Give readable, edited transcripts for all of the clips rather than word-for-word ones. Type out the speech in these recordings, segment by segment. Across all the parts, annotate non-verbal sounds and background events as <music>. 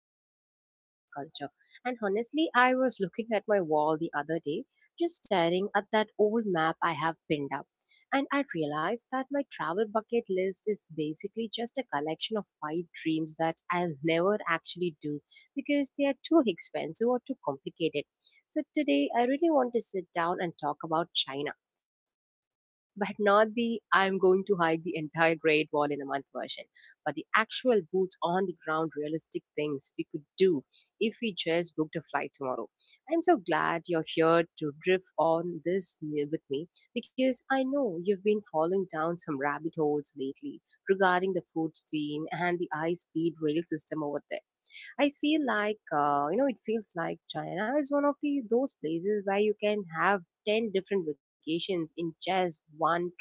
especially Chinese culture. And honestly, I was looking at my wall the other day, just staring at that old map I have pinned up. And I realized that my travel bucket list is basically just a collection of pipe dreams that I'll never actually do because they are too expensive or too complicated. So today, I really want to sit down and talk about China, but not the I'm going to hike the entire Great Wall in a month version, but the actual boots on the ground realistic things we could do if we just booked a flight tomorrow. I'm so glad you're here to drift on this with me, because I know you've been falling down some rabbit holes lately regarding the food scene and the high speed rail system over there. I feel like it feels like China is one of the those places where you can have 10 different vacations in just one trip,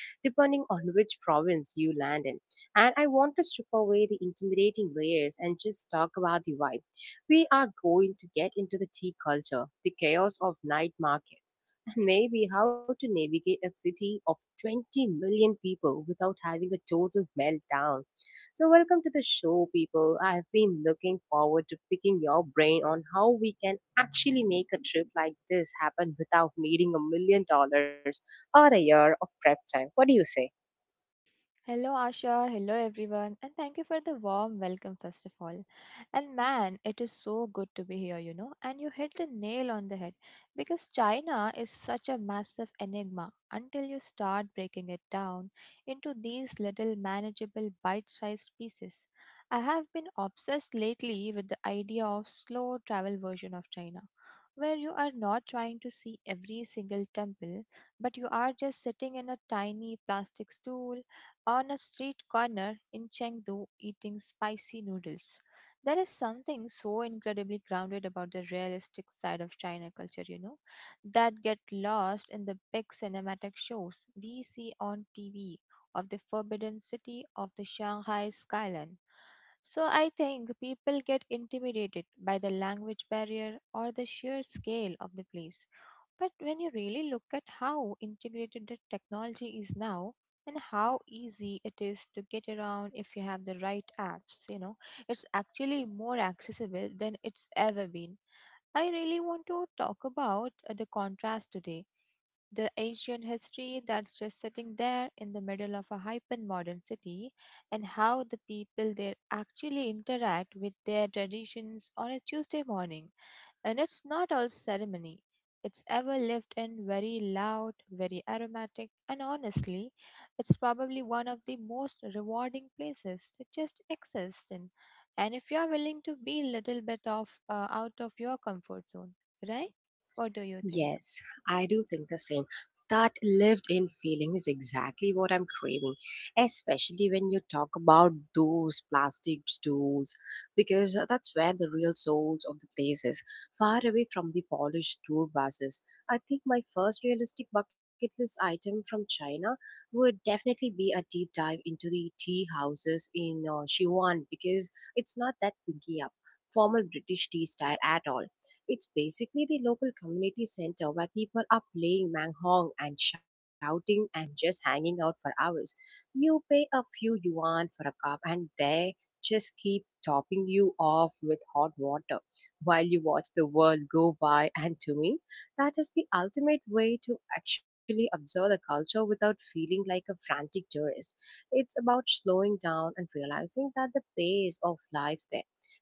depending on which province you land in. And I want to strip away the intimidating layers and just talk about the vibe. We are going to get into the tea culture, the chaos of night markets, <laughs> and maybe how to navigate a city of 20 million people without having a total meltdown. So, welcome to the show, people. I have been looking forward to picking your brain on how we can actually make a trip like this happen without needing $1 million or a year of prep time. What do you say? Hello, Asha. Hello, everyone. And thank you for the warm welcome, first of all. And man, it is so good to be here, And you hit the nail on the head because China is such a massive enigma until you start breaking it down into these little manageable bite sized pieces. I have been obsessed lately with the idea of slow travel version of China, where you are not trying to see every single temple, but you are just sitting in a tiny plastic stool on a street corner in Chengdu eating spicy noodles. There is something so incredibly grounded about the realistic side of China culture, that get lost in the big cinematic shows we see on TV of the forbidden city of the Shanghai skyline. So I think people get intimidated by the language barrier or the sheer scale of the place. But when you really look at how integrated the technology is now, and how easy it is to get around if you have the right apps. You know, it's actually more accessible than it's ever been. I really want to talk about the contrast today. The ancient history that's just sitting there in the middle of a hyper modern city, and how the people there actually interact with their traditions on a Tuesday morning. And it's not all ceremony. It's ever lived in very loud, very aromatic, and honestly, it's probably one of the most rewarding places to just exist in. And if you're willing to be a little bit of out of your comfort zone, right? What do you think? Yes, I do think the same. That lived in feeling is exactly what I'm craving, especially when you talk about those plastic stools, because that's where the real souls of the place is, far away from the polished tour buses. I think my first realistic bucket list item from China would definitely be a deep dive into the tea houses in Sichuan, because it's not that picky up formal British tea style at all. It's basically the local community center where people are playing manghong and shouting and just hanging out for hours. You pay a few yuan for a cup, and they just keep topping you off with hot water while you watch the world go by. <laughs> And to me, that is the ultimate way to actually absorb the culture without feeling like a frantic tourist. It's about slowing down and realizing that the pace of life there,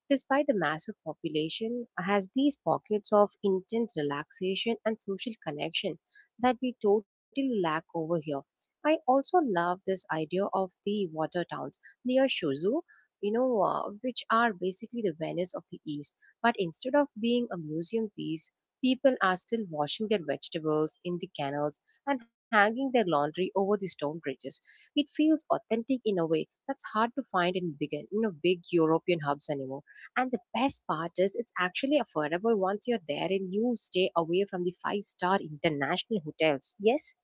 despite the massive population, has these pockets of intense relaxation and social connection that we totally lack over here. I also love this idea of the water towns near Shozu, which are basically the Venice of the East. But instead of being a museum piece, people are still washing their vegetables in the canals and hanging their laundry over the stone bridges. It feels authentic in a way that's hard to find in big European hubs anymore. And the best part is, it's actually affordable once you're there and you stay away from the five-star international hotels. Yes.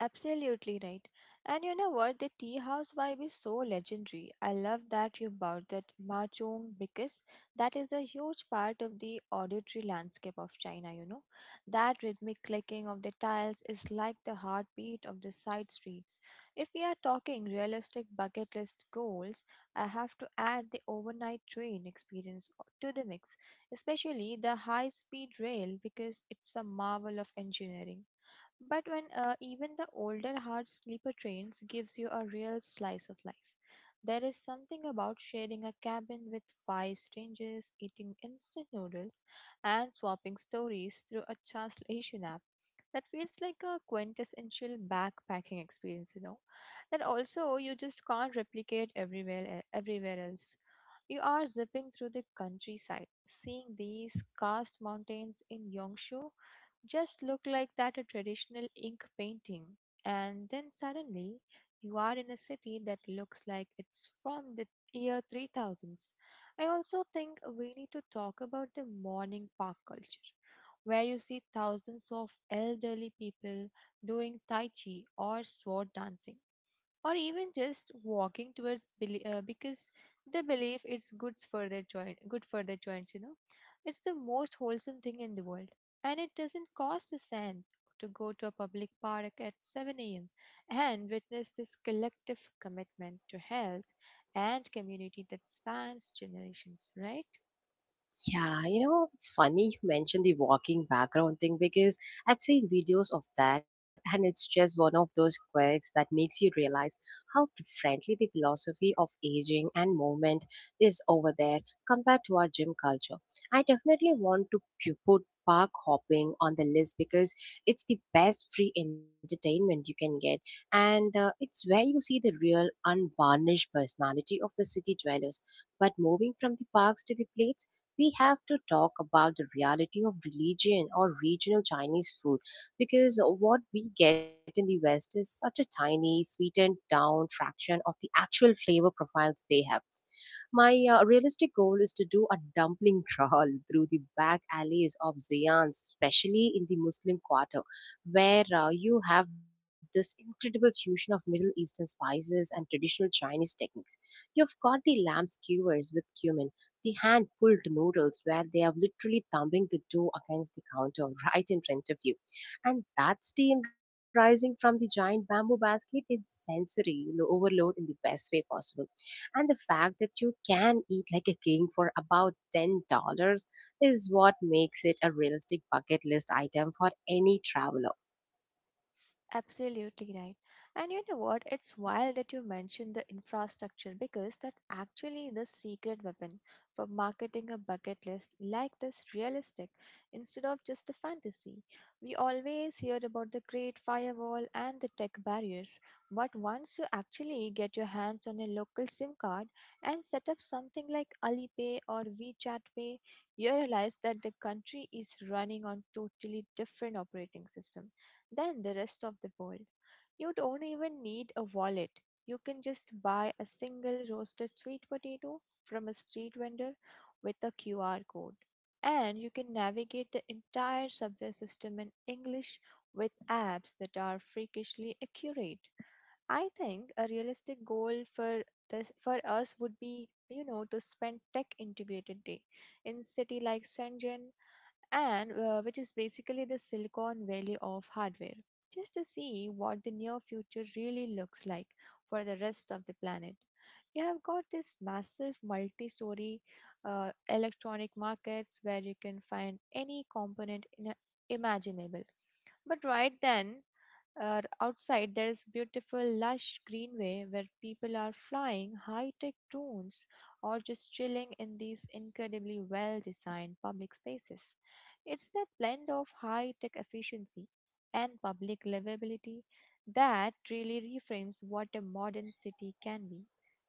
Absolutely right. And you know what? The tea house vibe is so legendary. I love that you brought that mahjong because that is a huge part of the auditory landscape of China, That rhythmic clicking of the tiles is like the heartbeat of the side streets. If we are talking realistic bucket list goals, I have to add the overnight train experience to the mix, especially the high speed rail because it's a marvel of engineering. But when even the older hard sleeper trains gives you a real slice of life. There is something about sharing a cabin with five strangers, eating instant noodles, and swapping stories through a translation app that feels like a quintessential backpacking experience, That also you just can't replicate everywhere else. You are zipping through the countryside, seeing these karst mountains in Yongshu just look like that a traditional ink painting. And then suddenly, you are in a city that looks like it's from the year 3000s. I also think we need to talk about the morning park culture, where you see thousands of elderly people doing Tai Chi or sword dancing or even just walking because they believe it's good for their joint good for their joints, you know, it's the most wholesome thing in the world, and it doesn't cost a cent to go to a public park at 7 a.m. and witness this collective commitment to health and community that spans generations, right? Yeah, it's funny you mentioned the walking background thing, because I've seen videos of that, and it's just one of those quirks that makes you realize how differently the philosophy of aging and movement is over there compared to our gym culture. I definitely want to put park hopping on the list, because it's the best free entertainment you can get, and it's where you see the real unvarnished personality of the city dwellers. But moving from the parks to the plates, we have to talk about the reality of religion or regional Chinese food, because what we get in the West is such a tiny, sweetened down fraction of the actual flavor profiles they have. My realistic goal is to do a dumpling <laughs> crawl through the back alleys of Zayan, especially in the Muslim quarter, where you have this incredible fusion of Middle Eastern spices and traditional Chinese techniques. You've got the lamb skewers with cumin, the hand pulled noodles where they are literally thumping the dough against the counter <laughs> right in front of you. And that steam rising from the giant bamboo basket is sensory overload in the best way possible. And the fact that you can eat like a king for about $10 is what makes it a realistic bucket list item for any traveler. Absolutely right. And you know what? It's wild that you mentioned the infrastructure because that's actually the secret weapon for marketing a bucket list like this realistic instead of just a fantasy. We always hear about the great firewall and the tech barriers, but once you actually get your hands on a local SIM card and set up something like Alipay or WeChat Pay, you realize that the country is running on totally different operating system than the rest of the world. You don't even need a wallet. You can just buy a single roasted sweet potato from a street vendor with a QR code. And you can navigate the entire subway system in English with apps that are freakishly accurate. I think a realistic goal for this for us would be, you know, to spend tech integrated day in city like Shenzhen and which is basically the Silicon Valley of hardware, just to see what the near future really looks like for the rest of the planet. You have got this massive multi story electronic markets where you can find any component in a, imaginable. But right then, outside, there is beautiful, lush greenway where people are flying high tech drones or just chilling in these incredibly well designed public spaces. It's that blend of high tech efficiency and public livability that really reframes what a modern city can be.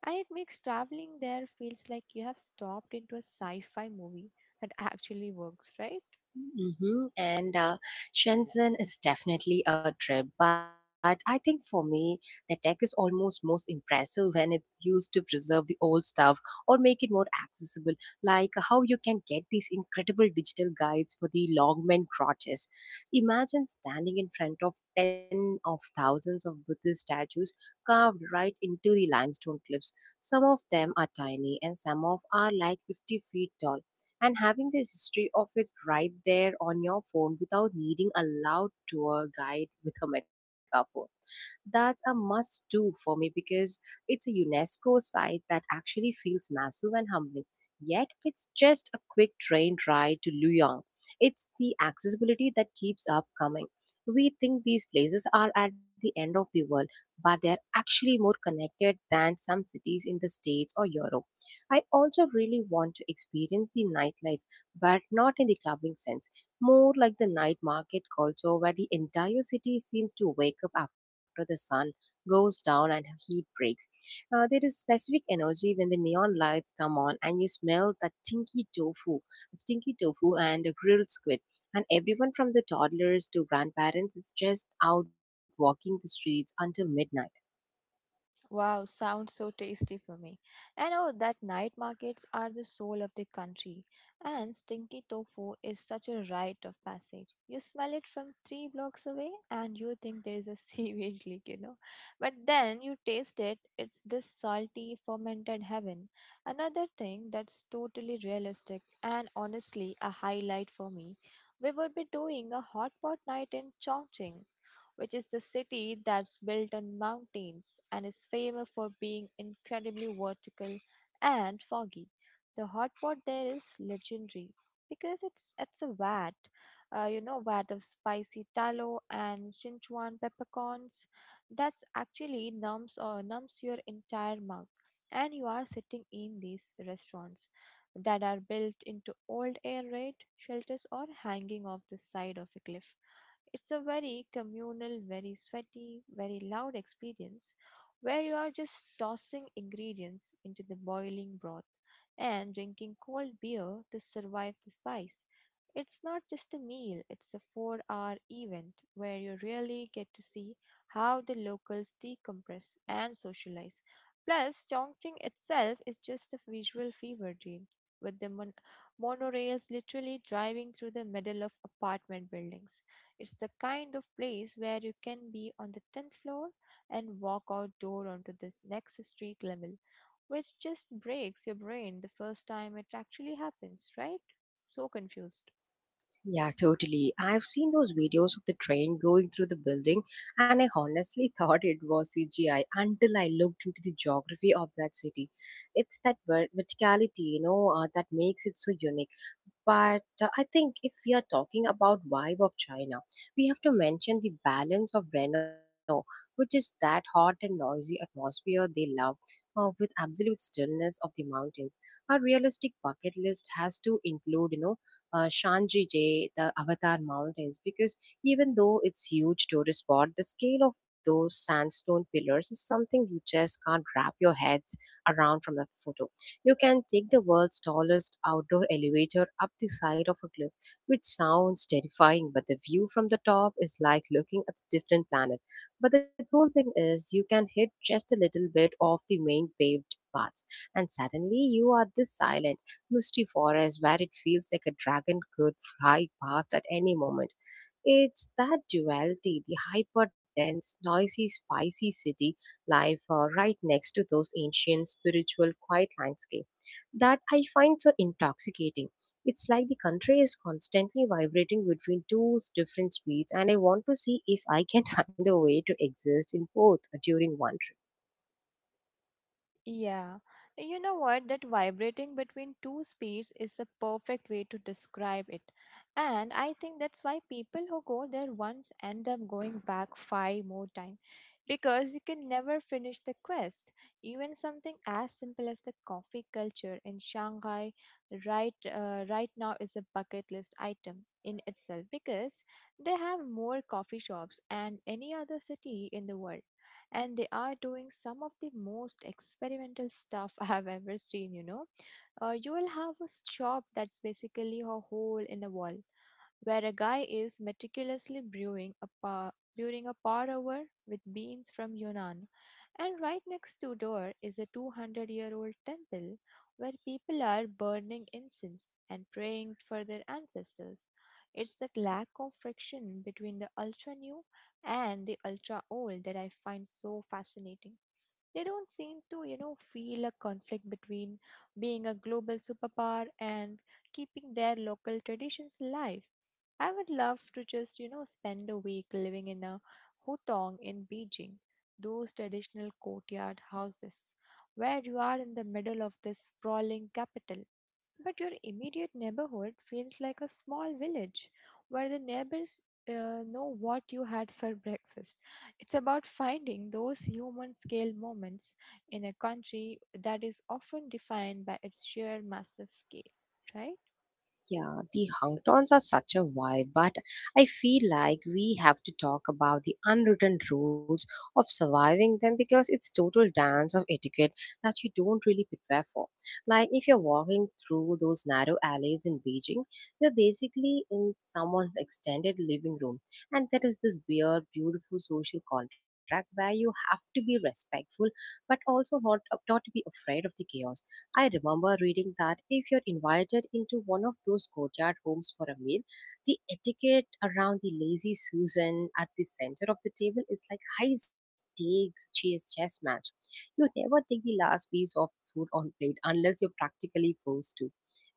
And it makes traveling there feels like you have stopped into a sci fi movie that actually works, right? Mm-hmm. And Shenzhen is definitely a trip, but I think for me, the tech is almost most impressive when it's used to preserve the old stuff or make it more accessible, like how you can get these incredible digital guides for the Longmen crotches. Imagine standing in front of 10 of thousands of Buddhist statues carved right into the limestone cliffs. Some of them are tiny and some of are like 50 feet tall, and having the history of it right there on your phone without needing a loud tour guide with a megaphone, that's a must do for me, because it's a UNESCO site that actually feels massive and humbling. Yet it's just a quick train ride to Luoyang. It's the accessibility that keeps up coming. We think these places are at the end of the world, but they're actually more connected than some cities in the States or Europe. I also really want to experience the nightlife, but not in the clubbing sense, more like the night market culture, where the entire city seems to wake up after the sun goes down and heat breaks. There is specific energy when the neon lights come on and you smell that stinky tofu and a grilled squid. And everyone from the toddlers to grandparents is just out walking the streets until midnight. Wow, sounds so tasty for me. And oh, that night markets are the soul of the country. And stinky tofu is such a rite of passage. You smell it from three blocks away and you think there is a <laughs> sewage leak, But then you taste it, it's this salty, fermented heaven. Another thing that's totally realistic and honestly a highlight for me. We would be doing a hot pot night in Chongqing, which is the city that's built on mountains and is famous for being incredibly vertical and foggy. The hot pot there is legendary because it's a vat, vat of spicy tallow and Sichuan peppercorns. That's actually numbs your entire mouth, and you are sitting in these restaurants that are built into old air raid shelters or hanging off the side of a cliff. It's a very communal, very sweaty, very loud experience where you are just tossing ingredients into the boiling broth and drinking cold beer to survive the spice. It's not just a meal, it's a 4 hour event where you really get to see how the locals decompress and socialize. Plus, Chongqing itself is just a visual fever dream, with the monorails literally driving through the middle of apartment buildings. It's the kind of place where you can be on the 10th floor and walk outdoor onto this next street level, which just breaks your brain the first time it actually happens, right? So confused. Yeah, totally. I've seen those videos of the train going through the building, and I honestly <laughs> thought it was CGI until I looked into the geography of that city. It's that verticality, that makes it so unique. But I think if we are talking about vibe of China, we have to mention the balance of Renault, which is that hot and noisy atmosphere they love, with absolute stillness of the mountains. Our realistic bucket list has to include, Shanjige, the Avatar Mountains, because even though it's huge tourist spot, the scale of those sandstone pillars is something you just can't wrap your heads around from a photo. You can take the world's tallest outdoor elevator up the side of a cliff, which sounds terrifying, but the view from the top is like looking at a different planet. But the cool thing is, you can hit just a little bit off the main paved paths, and suddenly you are this silent, misty forest where it feels like a dragon could fly past at any moment. It's that duality, the hyper dense, noisy, spicy city life right next to those ancient, spiritual, quiet landscape, that I find so intoxicating. It's like the country is constantly vibrating between two different speeds, and I want to see if I can <laughs> find a way to exist in both during one trip. Yeah, you know what? That vibrating between two speeds is the perfect way to describe it. And I think that's why people who go there once end up going back five more times because you can never finish the quest. Even something as simple as the coffee culture in Shanghai right now is a bucket list item in itself because they have more coffee shops than any other city in the world and they are doing some of the most experimental stuff <laughs> I have ever seen, you will have a shop that's basically a hole in the wall where a guy is meticulously brewing a par over with beans from Yunnan. And right next to door is a 200-year-old temple where people are burning incense and praying for their ancestors. It's that lack of friction between the ultra new and the ultra old that I find so fascinating. They don't seem to, you know, feel a conflict between being a global superpower and keeping their local traditions alive. I would love to just, you know, spend a week living in a hutong in Beijing, those traditional courtyard houses, where you are in the middle of this sprawling capital but your immediate neighborhood feels like a small village where the neighbors know what you had for breakfast. It's about finding those human scale moments in a country that is often defined by its sheer massive scale, right? Yeah, the hangtons are such a vibe, but I feel like we have to talk about the unwritten rules of surviving them, because it's total dance of etiquette that you don't really prepare for. Like if you're walking through those narrow alleys in Beijing, you're basically in someone's extended living room, and there is this weird, beautiful social contract where you have to be respectful but also not to be afraid of the chaos. I remember reading that if you're invited into one of those courtyard homes for a meal, the etiquette around the lazy Susan at the center of the table is like high stakes chess match. You never take the last piece of food on plate unless you're practically forced to.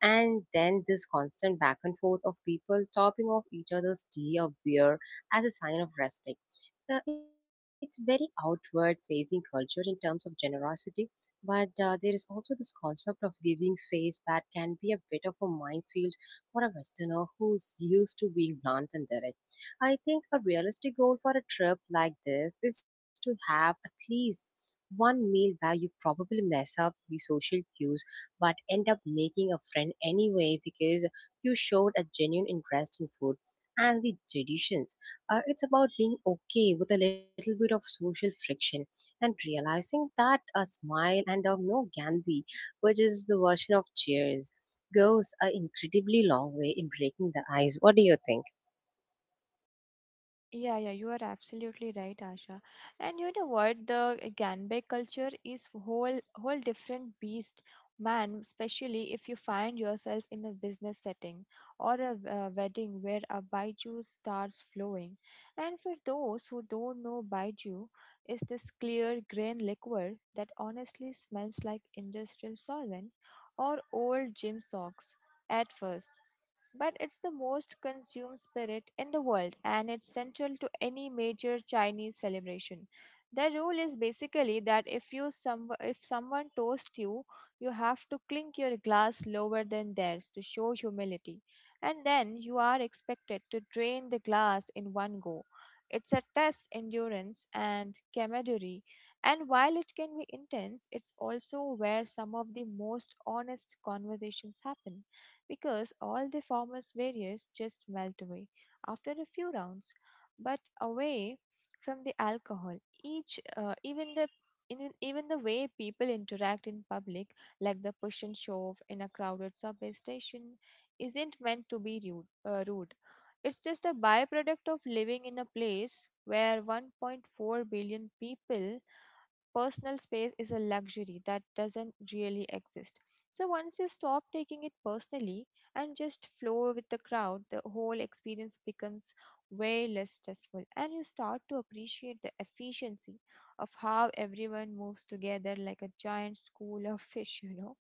And then this constant back and forth of people topping off each other's tea or beer as a sign of respect. It's very outward facing culture in terms of generosity, but there is also this concept of giving face that can be a bit of a minefield for a Westerner who's used to being blunt and direct. I think a realistic goal for a trip like this is to have at least one meal where you probably mess up the social cues but end up making a friend anyway, because you showed a genuine interest in food and the traditions. It's about being okay with a little bit of social friction and realizing that a smile and a no Gandhi, which is the version of cheers, goes a incredibly long way in breaking the ice. What do you think? Yeah, yeah, you are absolutely right, Asha. And you know what? The Ganbei culture is whole different beast, man. Especially if you find yourself in a business setting or a, wedding where a baiju starts flowing. And for those who don't know, baiju is this clear grain liquor that honestly smells like industrial solvent or old gym socks at first, but it's the most consumed spirit in the world and it's central to any major Chinese celebration. The rule is basically that if someone toasts you, you have to clink your glass lower than theirs to show humility, and then you are expected to drain the glass in one go. It's a test endurance and camaraderie, and while it can be intense, it's also where some of the most honest conversations happen because all the former's barriers just melt away after a few rounds, but away from the alcohol. Each, even the Even the way people interact in public, like the push and shove in a crowded subway station, isn't meant to be rude. It's just a byproduct of living in a place where 1.4 billion people personal space is a luxury that doesn't really exist. So once you stop taking it personally and just flow with the crowd, the whole experience becomes way less stressful and you start to appreciate the efficiency of how everyone moves together like a giant school of fish,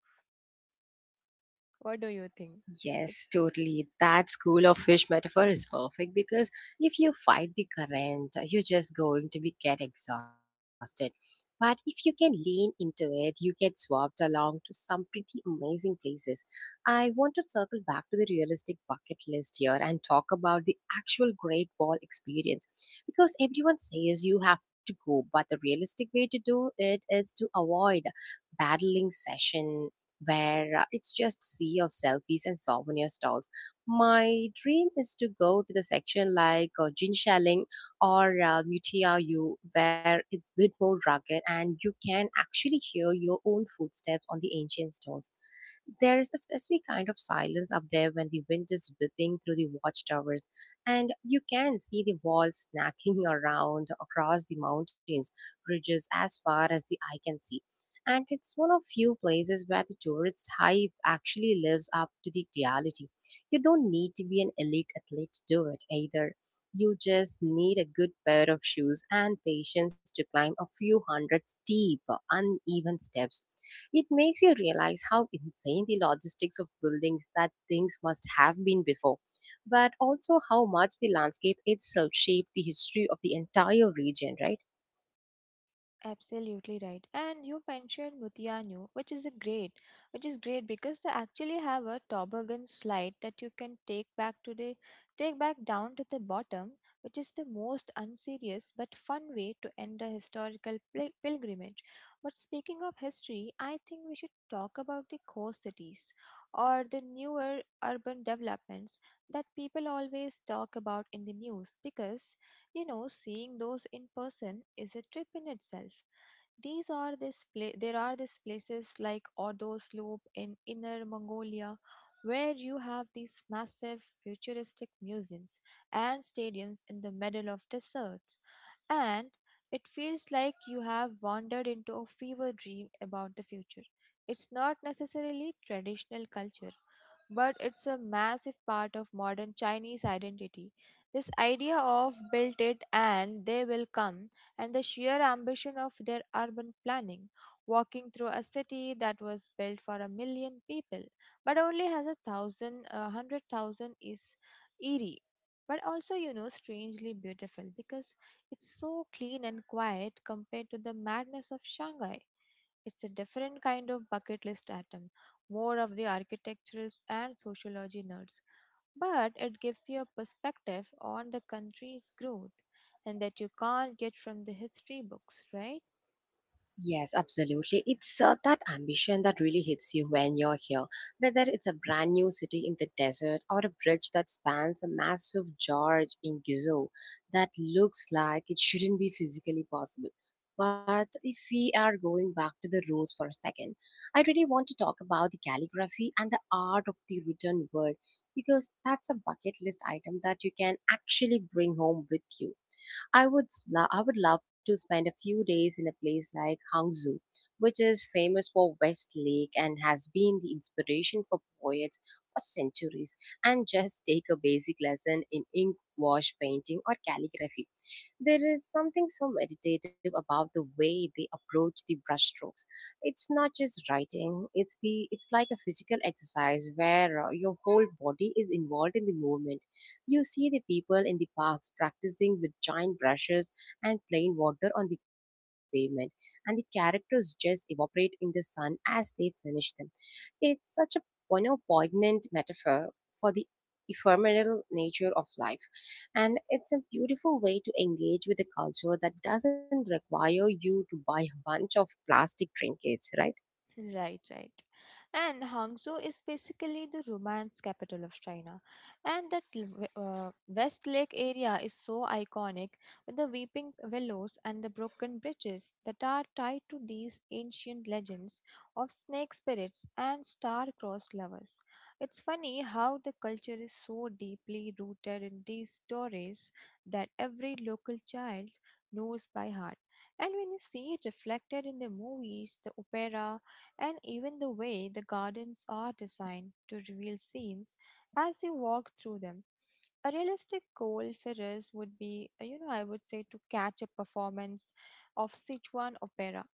What do you think? It- Yes, totally. That school of fish metaphor is perfect because if you fight the current, you're just going to be get exhausted. But if you can lean into it, you get swapped along to some pretty amazing places. I want to circle back to the realistic bucket list here and talk about the actual Great Wall experience, because everyone says you have to go, but the realistic way to do it is to avoid battling session where it's just sea of selfies and souvenir stalls. My dream is to go to the section like Jinshaling or Mutiayu, where it's a bit more rugged and you can actually hear your own footsteps on the ancient stones. There is a specific kind of silence up there when the wind is whipping through the watchtowers, and you can see the walls snacking <laughs> around across the mountains, ridges as far as the eye can see, and it's one of few places where the tourist hype actually lives up to the reality. You don't need to be an elite athlete to do it either. You just need a good pair of shoes and patience to climb a few hundred steep, uneven steps. It makes you realize how insane the logistics of buildings that things must have been before, but also how much the landscape itself shaped the history of the entire region, right? Absolutely right. And you mentioned Mutianu, which is great because they actually have a toboggan slide that you can take back down to the bottom, which is the most unserious but fun way to end a historical pilgrimage. But speaking of history, I think we should talk about the core cities or the newer urban developments that people always talk about in the news because you know seeing those in person is a trip in itself. These are this pla- There are these places like Ordos Loop in Inner Mongolia where you have these massive futuristic museums and stadiums in the middle of deserts and it feels like you have wandered into a fever dream about the future. It's not necessarily traditional culture, but it's a massive part of modern Chinese identity. This idea of built it and they will come and the sheer ambition of their urban planning. Walking through a city that was built for a million people, but only has a thousand, a hundred thousand is eerie, but also, you know, strangely beautiful because it's so clean and quiet compared to the madness of Shanghai. It's a different kind of bucket list atom, more of the architectural and sociology nerds but it gives you a perspective on the country's growth and that you can't get from the history books, right? Yes, absolutely. It's that ambition that really hits you when you're here. Whether it's a brand new city in the desert or a bridge that spans a massive gorge in Gizo that looks like it shouldn't be physically possible. But if we are going back to the roots for a second, I really want to talk about the calligraphy and the art of the written word, because that's a bucket list item that you can actually bring home with you. I would love to spend a few days in a place like Hangzhou, which is famous for West Lake and has been the inspiration for poets for centuries, and just take a basic lesson in ink wash painting or calligraphy. There is something so meditative about the way they approach the brushstrokes. It's not just writing; it's like a physical exercise where your whole body is involved in the movement. You see the people in the parks practicing with giant brushes and plain water on the pavement, and the characters just evaporate in the sun as they finish them. It's such a, you know, poignant metaphor for the ephemeral nature of life, and it's a beautiful way to engage with a culture that doesn't require you to buy a bunch of plastic trinkets, right? Right, right. And Hangzhou is basically the romance capital of China. And that West Lake area is so iconic with the weeping willows and the broken bridges that are tied to these ancient legends of snake spirits and star-crossed lovers. It's funny how the culture is so deeply rooted in these stories that every local child knows by heart. And when you see it reflected in the movies, the opera, and even the way the gardens are designed to reveal scenes as you walk through them. A realistic Cole Ferris would be, you know, I would say to catch a performance of Sichuan opera,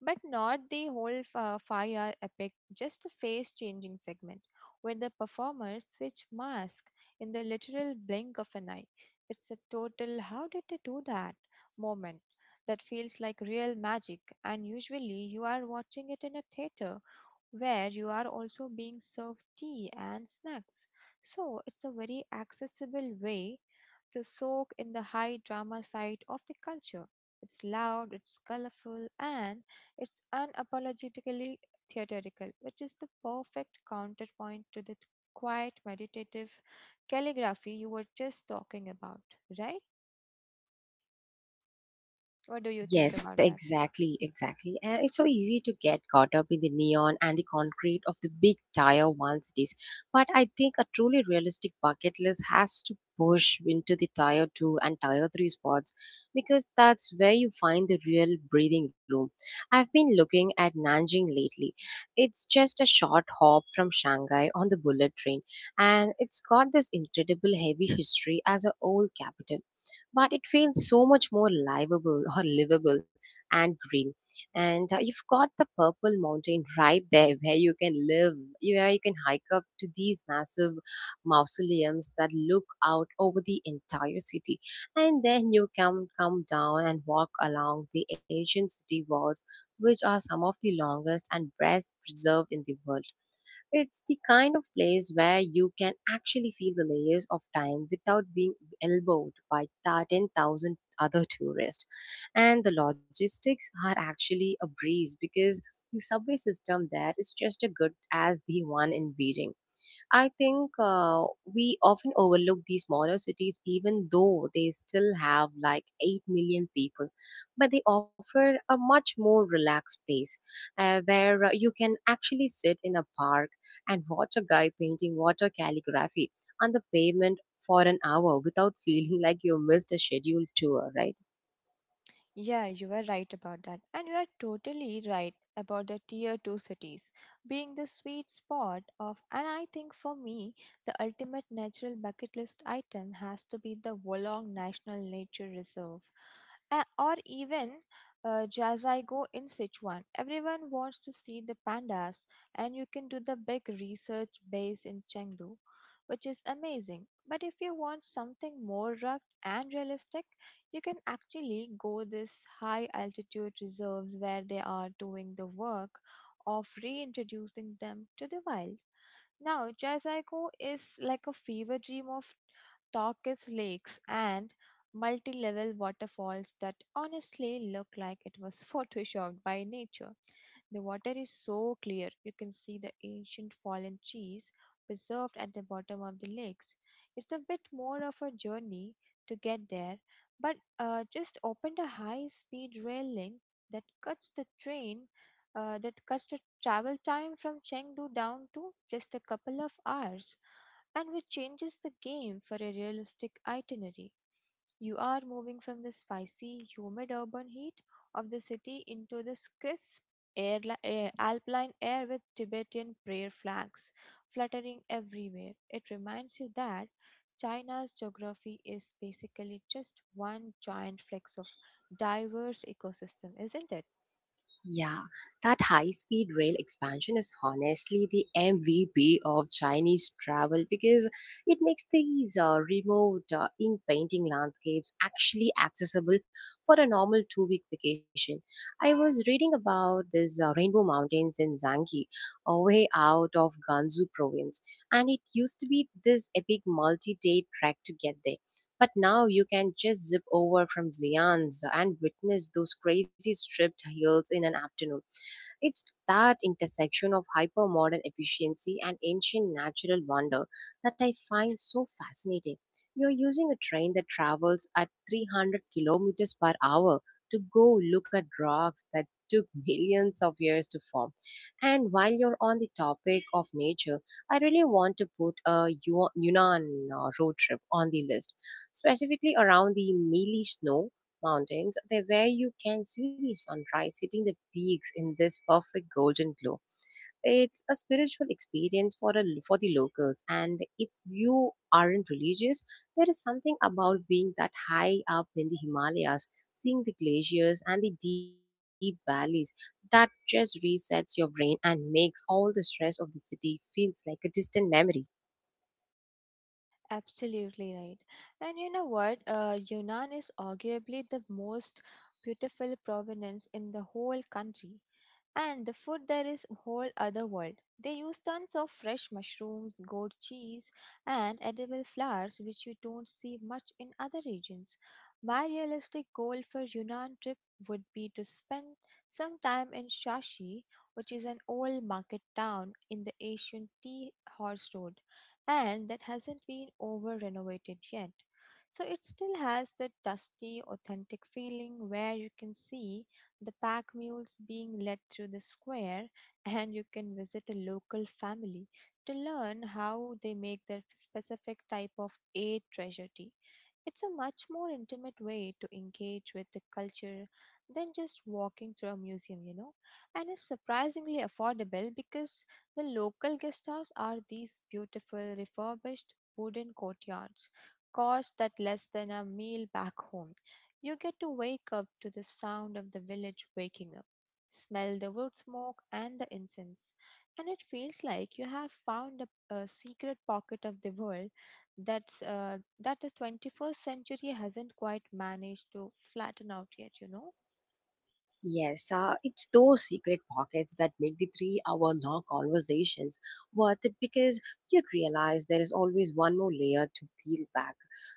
but not the whole fire epic, just a face changing segment where the performers switch masks in the literal blink of an eye. It's a total, how did they do that moment that feels like real magic, and usually you are watching it in a theater where you are also being served tea and snacks. So it's a very accessible way to soak in the high drama side of the culture. It's loud, it's colorful, and it's unapologetically theatrical, which is the perfect counterpoint to the quiet meditative calligraphy you were just talking about, right? What do you think Yes, about that? exactly, exactly. And it's so easy to get caught up in the neon and the concrete of the big tier one cities. But I think a truly realistic bucket list has to push into the tier two and tier three spots, because that's where you find the real breathing room. I've been looking at Nanjing lately. It's just a short hop from Shanghai on the bullet train, and it's got this incredible heavy history as an old capital, but it feels so much more livable or livable and green. And you've got the Purple Mountain right there <laughs> where you can hike up to these massive mausoleums that look out over the entire city. And then you can come down and walk along the ancient city walls, which are some of the longest and best preserved in the world. It's the kind of place where you can actually feel the layers of time without being elbowed by 10,000 other tourists. And the logistics are actually a breeze, because the subway system there is just as good as the one in Beijing. I think we often overlook these smaller cities, even though they still have like 8 million people. But they offer a much more relaxed space, where you can actually sit in a park and watch a guy painting water calligraphy on the pavement for an hour without <laughs> feeling like you missed a scheduled tour, right? Yeah, you are right about that. And you are totally right about the tier 2 cities being the sweet spot of, and I think for me, the ultimate natural bucket list item has to be the Wolong National Nature Reserve. Or even Jazaigo in Sichuan. Everyone wants to see the pandas, and you can do the big research base in Chengdu, which is amazing. But if you want something more rugged and realistic, you can actually go this high altitude reserves where they are doing the work of reintroducing them to the wild. Now, Jaisaiko is like a fever dream of turquoise lakes and multi-level waterfalls that honestly look like it was <laughs> photoshopped by nature. The water is so clear, you can see the ancient fallen trees preserved at the bottom of the lakes. It's a bit more of a journey to get there, but just opened a high speed rail link that cuts the train, that cuts the travel time from Chengdu down to just a couple of hours, and which changes the game for a realistic itinerary. You are moving from the spicy, humid urban heat of the city into this crisp, alpine air with Tibetan prayer flags fluttering everywhere. It reminds you that China's geography is basically just one giant flex of diverse ecosystem, isn't it? Yeah, that high speed rail expansion is honestly the MVP of Chinese travel, because it makes these remote ink painting landscapes actually accessible for a normal 2 week vacation. I was reading about this rainbow mountains in Zangi, way out of Gansu province, and it used to be this epic multi day trek to get there. But now you can just zip over from Xi'an's and witness those crazy stripped hills in an afternoon. It's that intersection of hypermodern efficiency and ancient natural wonder that I find so fascinating. You're using a train that travels at 300 kilometers per hour to go look at rocks that took <laughs> millions of years to form. And while you're on the topic of nature, I really want to put a Yunnan road trip on the list, specifically around the mealy snow mountains there, where you can see the sunrise hitting the peaks in this perfect golden glow. It's a spiritual experience for for the locals, and if you aren't religious, there is something about being that high up in the Himalayas, seeing the glaciers and the deep valleys, that just resets your brain and makes all the stress of the city feels like a distant memory. Absolutely right. And you know what? Yunnan is arguably the most beautiful provenance in the whole country. And the food there is whole other world. They use tons of fresh mushrooms, goat cheese, and edible flowers, which you don't see much in other regions. My realistic goal for Yunnan trip would be to spend some time in Shashi, which is an old market town in the ancient tea horse road and that hasn't been over renovated yet. So it still has that dusty, authentic feeling where you can see the pack mules being led through the square <laughs> and you can visit a local family to learn how they make their specific type of a treasure tea. It's a much more intimate way to engage with the culture than just walking through a museum, you know, and it's surprisingly affordable because the local guest houses are these beautiful refurbished wooden courtyards, cost that less than a meal back home. You get to wake up to the sound of the village waking up, smell the wood smoke and the incense, and it feels like you have found a secret pocket of the world that the 21st century hasn't quite managed to flatten out yet, you know? Yes, it's those secret pockets that make the 3 hour long conversations worth it, because you realize there is always one more layer to peel back.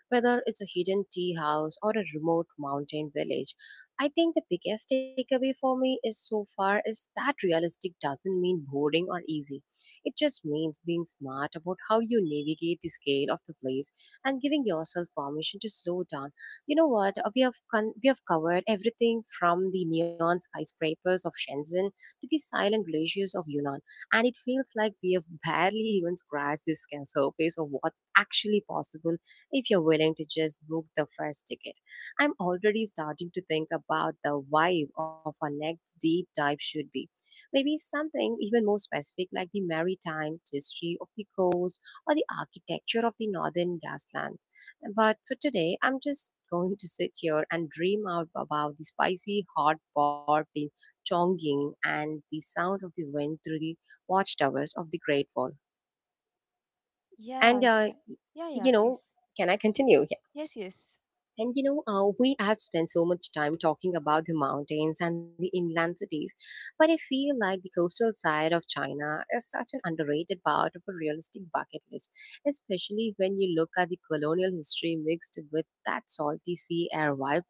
Whether it's a hidden tea house or a remote mountain village, I think the biggest takeaway for me is so far is that realistic doesn't mean boring or easy. It just means being smart about how you navigate the scale of the place and giving yourself permission to slow down. You know what? We have we have covered everything from the neon skyscrapers of Shenzhen to the silent glaciers of Yunnan, and it feels like we have barely even scratched the surface of what's actually possible, if you're willing to just book the first ticket. I'm already starting to think about the vibe of our next deep dive should be. Maybe something even more specific, like the maritime history of the coast or the architecture of the northern gaslands. But for today, I'm just going to sit here and dream out about the spicy hot pot in Chongqing and the sound of the wind through the watchtowers of the Great Wall. And, Yeah, yeah, yeah, yeah, you know, please. can I continue? Yes, yes. And you know, we have spent so much time talking about the mountains and the inland cities, but I feel like the coastal side of China is such an underrated part of a realistic bucket list, especially when you look at the colonial history mixed with that salty sea air vibe.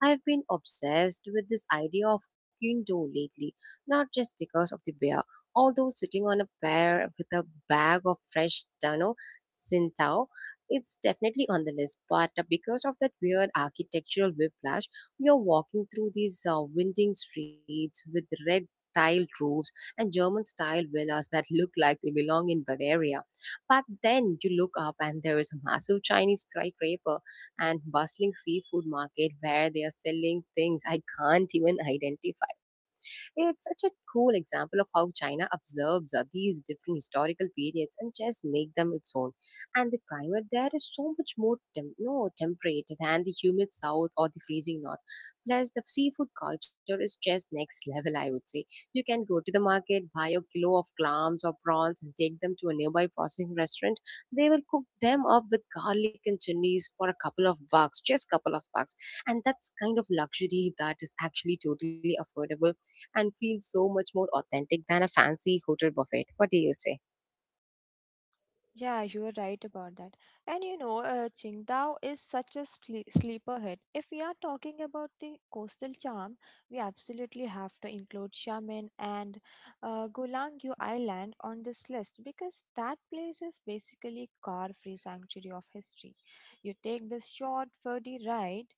I've been obsessed with this idea of Qingdao lately, not just because of the bear, although sitting on a bear with a bag of fresh, you know, it's definitely on the list, but because of that weird architectural whiplash, we are walking through these winding streets with red tiled roofs and German style villas that look like they belong in Bavaria. But then you look up and there is a massive Chinese skyscraper and bustling seafood market where they are selling things I can't even identify. It's such a cool example of how China observes these different historical periods and just make them its own. And the climate there is so much more tem- no, temperate than the humid south or the freezing north. Plus, the seafood culture is just next <laughs> level, I would say. You can go to the market, buy a kilo of clams or prawns, and take them to a nearby processing restaurant. They will cook them up with garlic and chilies for a couple of bucks, just couple of bucks. And that's kind of luxury that is actually totally affordable and feels so much more authentic than a fancy hotel buffet. What do you say? Yeah, you are right about that. And you know, Qingdao is such a sleeper hit. If we are talking about the coastal charm, we absolutely have to include Xiamen and Gulangyu Island on this list because that place is basically car-free sanctuary of history. You take this short, ferdy ride,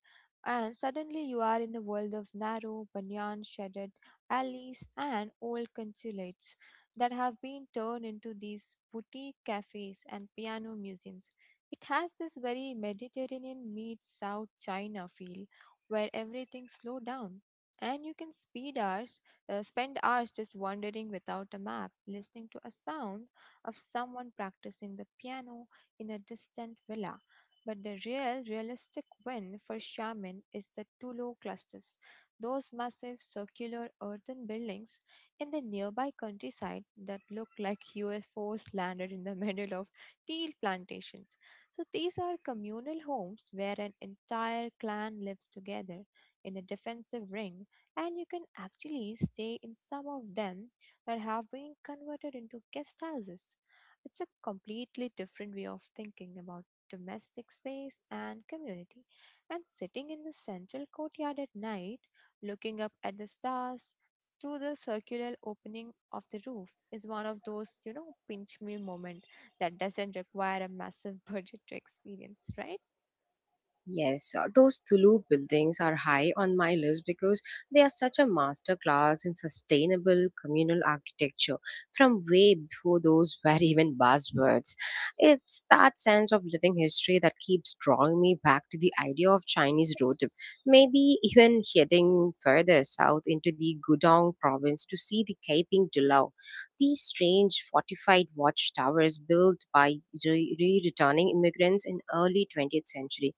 and suddenly you are in a world of narrow, banyan-shaded alleys and old consulates that have been turned into these boutique cafes and piano museums. It has this very Mediterranean meets South China feel where everything slow down and you can speed hours, spend hours just wandering without a map, listening to a sound of someone practicing the piano in a distant villa. But the real realistic win for Shaman is the Tulo clusters, those massive circular earthen buildings in the nearby countryside that look like UFOs landed in the <laughs> middle of teal plantations. So these are communal homes where an entire clan lives together in a defensive ring, and you can actually stay in some of them that have been converted into guest houses. It's a completely different way of thinking about domestic space and community. And sitting in the central courtyard at night, looking up at the stars, through the circular opening of the roof is one of those, you know, pinch me moment that doesn't require a massive <laughs> budget to experience, right? Yes, those Tulu buildings are high on my list, because they are such a master class in sustainable communal architecture from way before those <laughs> were even buzzwords. It's that sense of living history that keeps drawing me back to the idea of Chinese road trip, maybe even heading further south into the Gudong province to see the Kaiping Dilao, these strange fortified watchtowers built by returning immigrants in early 20th century.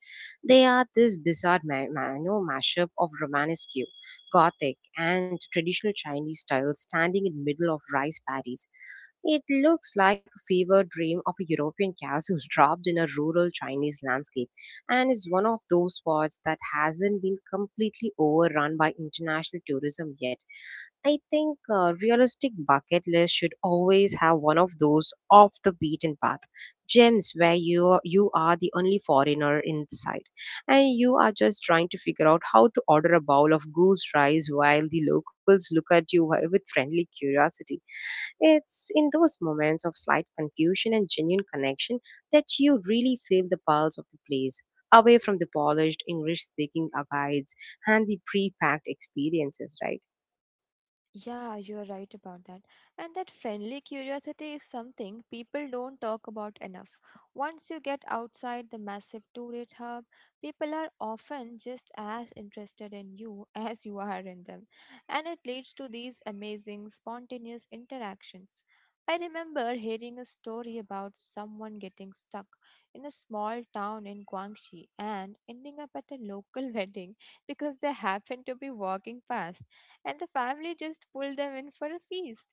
They are this bizarre you know, mashup of Romanesque, Gothic, and traditional Chinese styles standing in the middle of rice paddies. It looks like a fever dream of a European castle <laughs> dropped in a rural Chinese landscape, and is one of those spots that hasn't been completely overrun by international tourism yet. I think a realistic bucket list should always have one of those off the beaten path gems where you are the only foreigner in sight, and you are just trying to figure out how to order a bowl of goose rice while the locals look at you with friendly curiosity. It's in those moments of slight confusion and genuine connection that you really feel the pulse of the place, away from the polished English speaking guides and the pre packed experiences, right? Yeah, you're right about that. And that friendly curiosity is something people don't talk about enough. Once you get outside the massive tourist hub, people are often just as interested in you <laughs> as you are in them. And it leads to these amazing spontaneous interactions. I remember hearing a story about someone getting stuck in a small town in Guangxi and ending up at a local <laughs> wedding because they happened to be walking past and the family just pulled them in for a feast.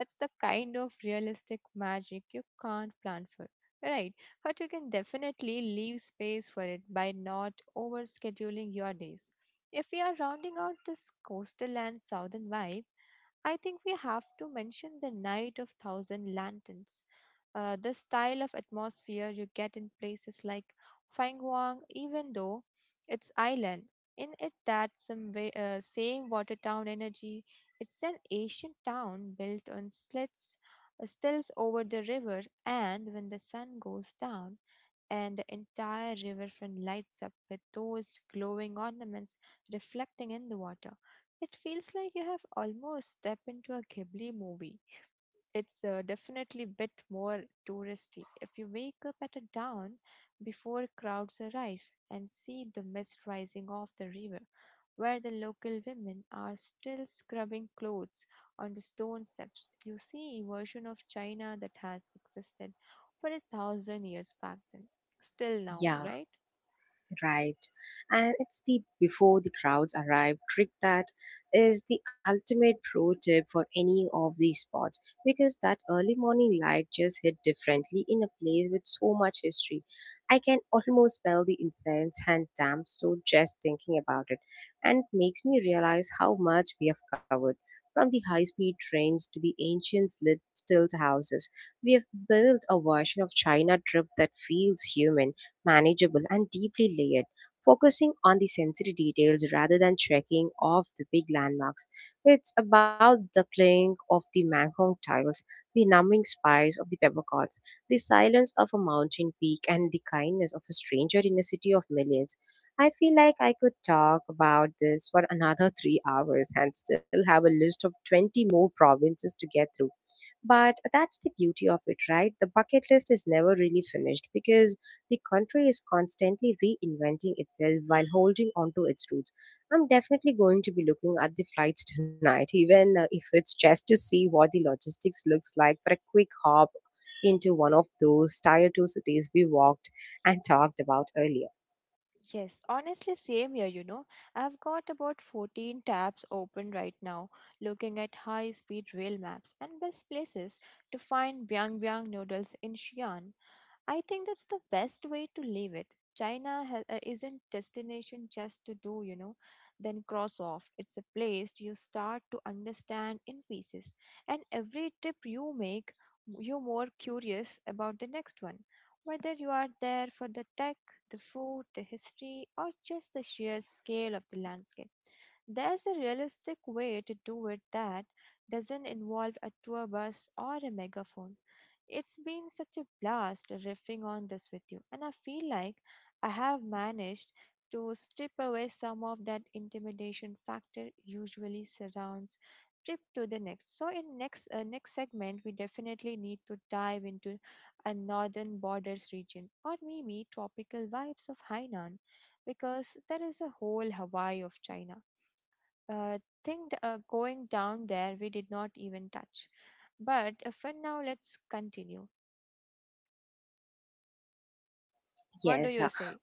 That's the kind of realistic magic you can't plan for. Right, but you can definitely leave space for it by not over scheduling your days. If we are rounding out this coastal and southern vibe, I think we have to mention the Night of Thousand Lanterns. The style of atmosphere you get in places like Fangwang, even though it's island, in it, that some way, same Watertown energy. It's an ancient town built on slits, stills over the river, and when the sun goes down and the entire riverfront lights up with those glowing ornaments reflecting in the water, it feels like you have almost stepped into a Ghibli movie it's definitely a bit more touristy. If you wake up at a dawn before crowds arrive and see the mist rising off the river, where the local women are still scrubbing clothes on the stone steps, you see a version of China that has existed for a thousand years back then, still now, Yeah. right? Right. And it's the before the crowds arrive trick that is the ultimate pro tip for any of these spots, because that early morning light just hit differently in a place with so much history. I can almost smell the incense and damp stove just thinking about it, and it makes me realize how much we have covered. From the high speed trains to the ancient stilt houses, we have built a version of China trip that feels human, manageable, and deeply layered, focusing on the sensory details rather than checking off the big landmarks. It's about the clink of the Manhong tiles, the numbing spice of the peppercorns, the silence of a mountain peak, and the kindness of a stranger in a city of millions. I feel like I could talk about this for another 3 hours and still have a list of 20 more provinces to get through, but that's the beauty of it, right? The bucket list is never really finished because the country is constantly reinventing itself while holding on to its roots. I'm definitely going to be looking at the flights <laughs> tonight, even if it's just to see what the logistics looks like for a quick hop into one of those tier 2 cities we walked and talked about earlier. Yes, honestly, same here, you know. I've got about 14 tabs open right now, looking at high speed rail maps and best places to find Byung Byung noodles in Xi'an. I think that's the best way to leave it. China isn't destination just to do, you know, then cross off. It's a place you start to understand in pieces. And every trip you make, you're more curious about the next one. Whether you are there for the tech, the food, the history, or just the sheer scale of the landscape, there's a realistic way to do it that doesn't involve a tour bus or a megaphone. It's been such a blast riffing on this with you, and I feel like I have managed to strip away some of that intimidation factor usually surrounds trip to the next. So in next next segment, we definitely need to dive into a northern borders region or maybe tropical vibes of Hainan, because there is a whole Hawaii of China. Uh, thing going down there we did not even touch. But for now, let's continue. What do Yes. you say?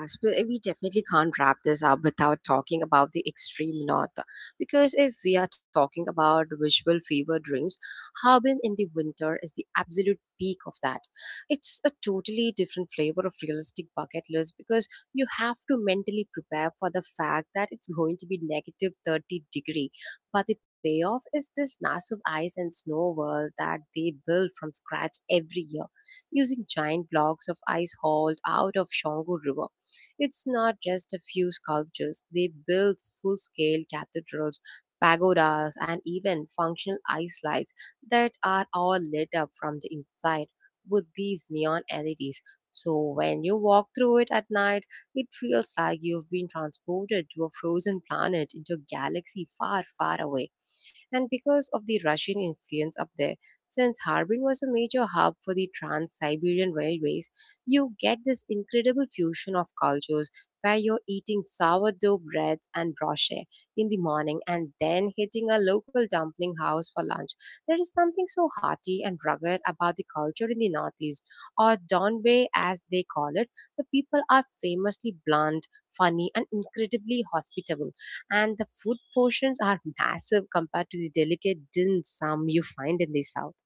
Yes, but we definitely can't wrap this up without talking about the extreme north. Because if we are talking about visual fever dreams, Harbin in the winter is the absolute peak of that. It's a totally different flavor of realistic bucket list because you have to mentally prepare for the fact that it's going to be negative 30 degree. But the payoff is this massive ice and snow world that they build from scratch every year using giant blocks of ice hauled out of Shongu River. It's not just a few sculptures, they build full scale cathedrals, pagodas, and even functional ice lights that are all lit up from the inside with these neon LEDs. So when you walk through it at night, it feels like you've been transported to a frozen planet into a galaxy far, far away. And because of the Russian influence up there, since Harbin was a major hub for the Trans Siberian Railways, you get this incredible fusion of cultures where you're eating sourdough breads and brochet in the morning and then hitting a local dumpling house for lunch. There is something so hearty and rugged about the culture in the Northeast, or Donbay as they call it. The people are famously blunt, funny, and incredibly hospitable, and the food portions are massive compared to the delicate dim sum you find in the south.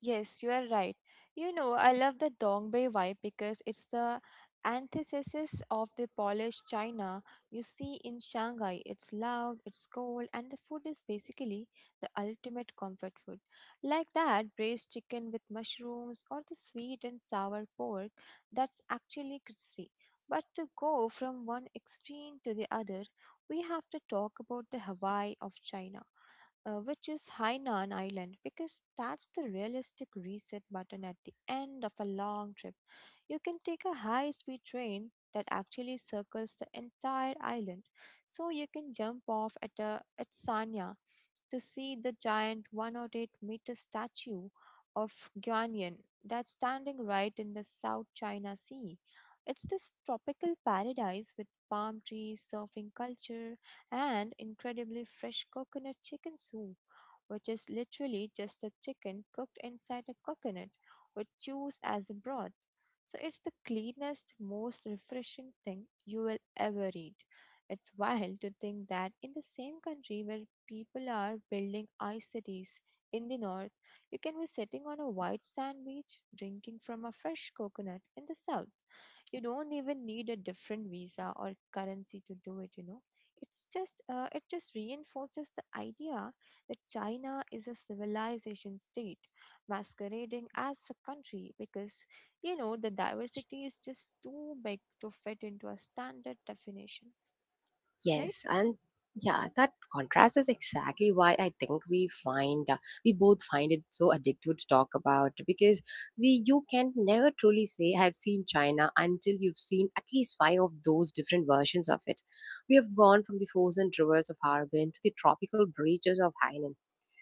Yes, you are right. You know, I love the Dongbei vibe because it's the antithesis of the polished china you see in Shanghai. It's loud, it's cold, and the food is basically the ultimate comfort food. Like that braised chicken with mushrooms or the sweet and sour pork that's actually crispy. But to go from one extreme to the other, we have to talk about the Hawaii of China, which is Hainan Island, because that's the realistic reset button at the end of a long trip. You can take a high speed train that actually circles the entire island, so you can jump off at Sanya to see the giant 108-meter statue of Guanyin that's standing right in the South China Sea. It's this tropical paradise with palm trees, surfing culture, and incredibly fresh coconut chicken soup, which is literally just a chicken cooked inside a coconut with juice as a broth. So it's the cleanest, most refreshing thing you will ever eat. It's wild to think that in the same country where people are building ice cities in the north, you can be sitting on a white sand beach drinking from a fresh coconut in the south. You don't even need a different visa or currency to do it, you know. It's just it just reinforces the idea that China is a civilization state masquerading as a country because you know the diversity is just too big to fit into a standard definition, right? Yes, and yeah, that contrast is exactly why I think we both find it so addictive to talk about, because we you can never truly say I've seen China until you've seen at least five of those different versions of it. We have gone from the frozen rivers of Harbin to the tropical beaches of Hainan.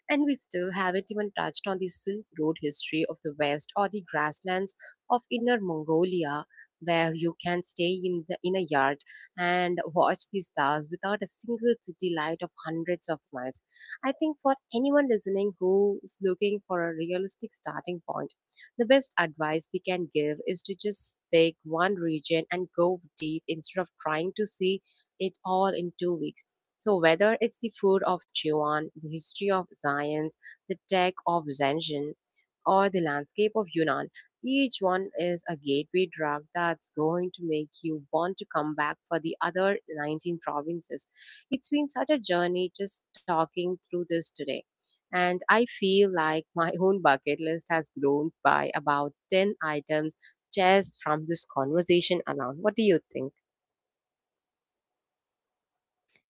And we still haven't even touched on the Silk Road history of the West or the grasslands of Inner Mongolia, where you can stay in a yard and watch the stars without a single city light of hundreds of miles. I think for anyone listening who is looking for a realistic starting point, the best advice we can give is to just pick one region and go deep instead of trying to see it all in 2 weeks. So whether it's the food of Jiwan, the history of science, the tech of Zhenzhen, or the landscape of Yunnan, each one is a gateway drug that's going to make you want to come back for the other 19 provinces. It's been such a journey just talking through this today. And I feel like my <laughs> own bucket list has grown by about 10 items just from this conversation alone. What do you think?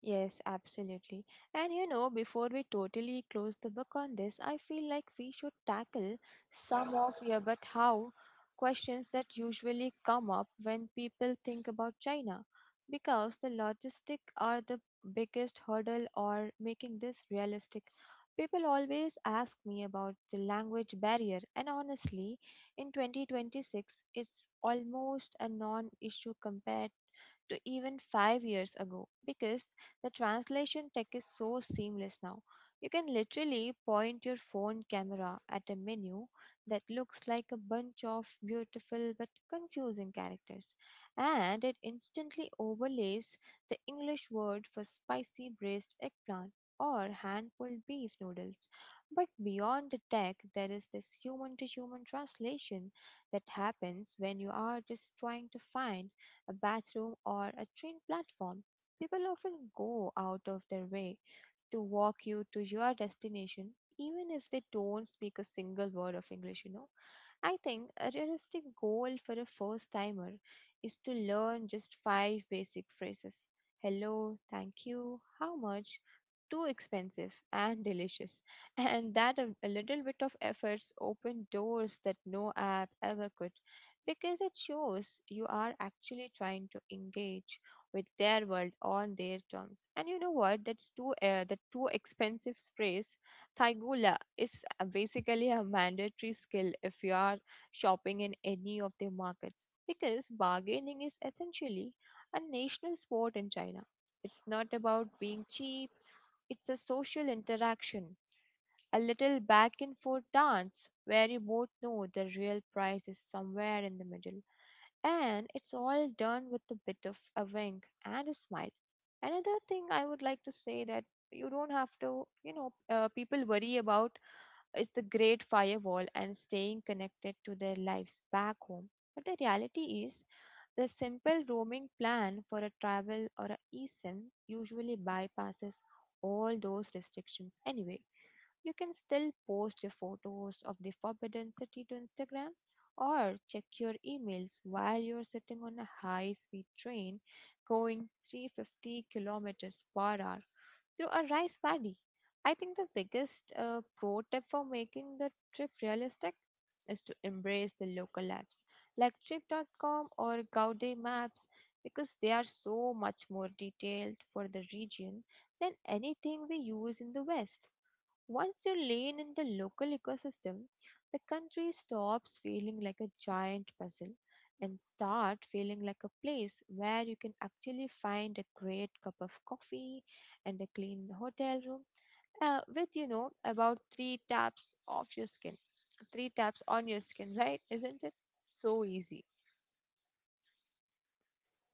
Yes, absolutely. And you know, before we totally close the book on this, I feel like we should tackle some of your but how questions that usually come up when people think about China, because the logistic are the biggest hurdle or making this realistic. People always ask me about the language barrier, and honestly, in 2026, it's almost a non issue compared to even 5 years ago because the translation tech is so seamless now. You can literally point your phone camera at a menu that looks like a bunch of beautiful but confusing characters, and it instantly overlays the English word for spicy braised eggplant or hand pulled beef noodles. But beyond the tech, there is this human to human translation that happens when you are just trying to find a bathroom or a train platform. People often go out of their way to walk you to your destination, even if they don't speak a single word of English, you know. I think a realistic goal for a first timer is to learn just five basic phrases: hello, thank you, how much, too expensive, and delicious. <laughs> And that a little bit of efforts open doors that no app ever could because it shows you are actually trying to engage with their world on their terms. And you know what? That's too the too expensive phrase Thaigula is basically a mandatory skill if you are shopping in any of the markets because bargaining is essentially a national sport in China. It's not about being cheap, it's a social interaction, a little back and forth dance where you both know the real price is somewhere in the middle, and it's all done with a bit of a wink and a smile. Another thing I would like to say that you don't have to, people worry about is the great firewall and staying connected to their lives back home. But the reality is, the simple roaming plan for a travel or a eSIM usually bypasses all those restrictions anyway. You can still post your photos of the Forbidden City to Instagram or check your emails while you're sitting on a high speed train going 350 kilometers per hour through a rice paddy. I think the biggest pro tip for making the trip realistic is to embrace the local apps like trip.com or Gaude Maps because they are so much more detailed for the region than anything we use in the West. Once you lean in the local ecosystem, the country stops feeling like a giant puzzle and start feeling like a place where you can actually find a great cup of coffee and a clean hotel room with you know about 3 taps of your skin. 3 taps on your skin, right? Isn't it so easy?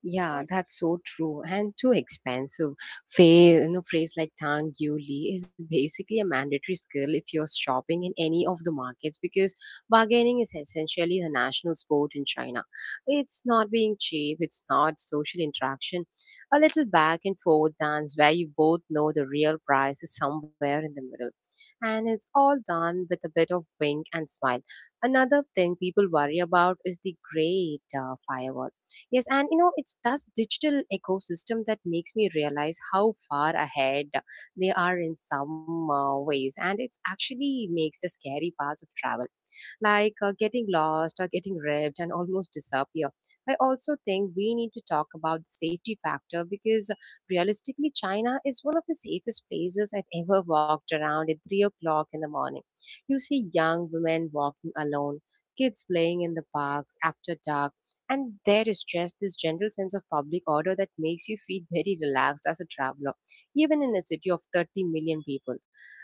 Yeah, What? that's so true. And too expensive. Phrase, phrase like tang you li is basically a mandatory skill if you're shopping in any of the markets, because bargaining is essentially the national sport in China. It's not being cheap, it's not social interaction. A little back and forth dance where you both know the real price is somewhere in the middle. And it's all done with a bit of wink and smile. Another thing people worry about is the great firewall. Yes, and you know, it's this digital ecosystem that makes me realize how far ahead they are in some ways, and it's actually makes the scary parts of travel like getting lost or getting raped and almost disappear. I also think we need to talk about the safety factor, because realistically, China is one of the safest places I've ever walked around at 3 o'clock in the morning. You see young women walking alone, kids playing in the parks after dark, and there is just this gentle sense of public order that makes you feel very relaxed as a traveler, even in a city of 30 million people.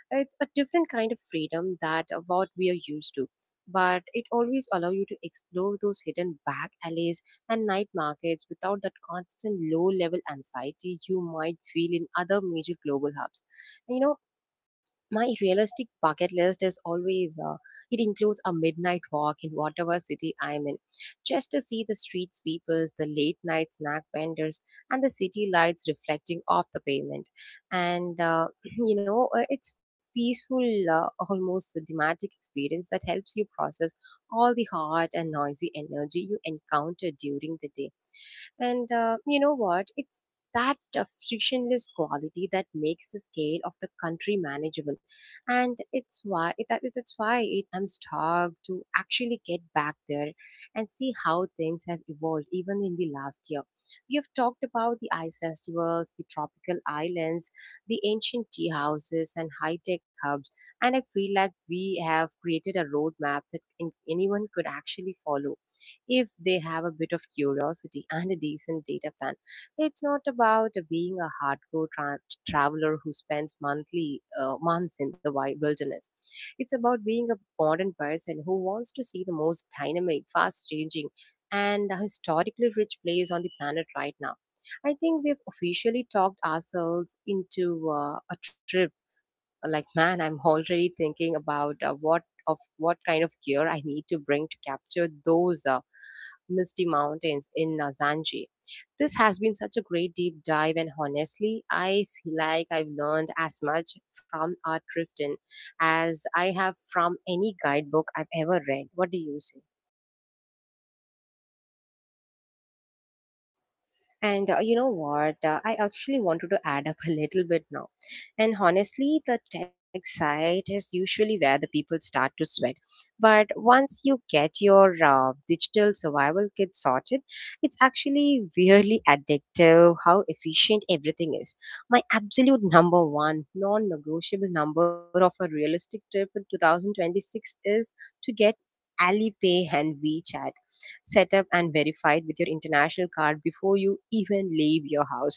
It's a different kind of freedom that what we are used to, but it always allows you to explore those hidden back alleys and night markets without that constant low level anxiety you might feel in other major global hubs. And, you know, my realistic bucket list is it includes a midnight walk in whatever city I'm in, just to see the street sweepers, the late night snack vendors, and the city lights reflecting off the pavement. And, <clears throat> it's peaceful, almost dramatic experience that helps you process all the hot and noisy energy you encounter during the day. And you know what? It's that frictionless quality that makes the scale of the country manageable, and it's why it, that, that's why it, I'm stoked to actually get back there and see how things have evolved even in the last year. We have talked about the ice festivals, the tropical islands, the ancient tea houses and high-tech hubs, and I feel like we have created a roadmap that anyone could actually follow if they have a bit of curiosity and a decent data plan. It's not about being a hardcore traveler who spends monthly months in the wilderness. It's about being a modern person who wants to see the most dynamic, fast-changing, and historically rich place on the planet right now. I think we've officially talked ourselves into a trip. Like, man, I'm already thinking about what kind of gear I need to bring to capture those misty mountains in Zanji. This has been such a great deep dive, and honestly I feel like I've learned as much from art drifting as I have from any guidebook I've ever read. What do you say? And you know what? I actually wanted to add up <laughs> a little bit now. And honestly, the tech side is usually where the people start to sweat. But once you get your digital survival kit sorted, it's actually really addictive how efficient everything is. My absolute number one non negotiable number of a realistic trip in 2026 is to get Alipay and WeChat set up and verified with your international card before you even leave your house.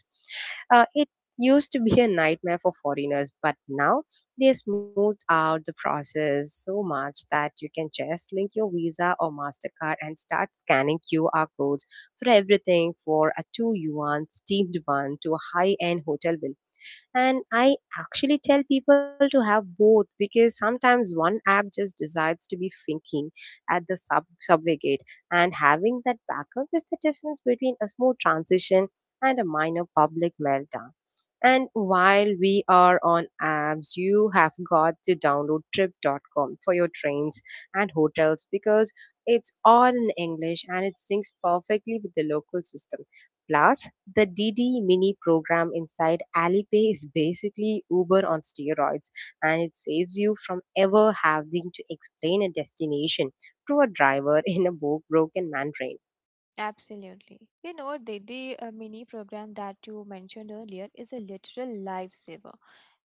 It used to be a nightmare for foreigners, but now they smoothed out the process so much that you can just link your Visa or MasterCard and start scanning QR codes for everything, for a 2 yuan steamed bun to a high end hotel bill. And I actually tell people to have both, because sometimes one app just decides to be thinking at the subway gate, and having that backup is the difference between a smooth transition and a minor public meltdown. And while we are on apps, you have got to download trip.com for your trains and hotels, because it's all in English and it syncs perfectly with the local system. Plus, the DD mini program inside Alipay is basically Uber on steroids, and it saves you from ever having to explain a destination to a driver in a broken Mandarin. Absolutely. You know, the mini program that you mentioned earlier is a literal lifesaver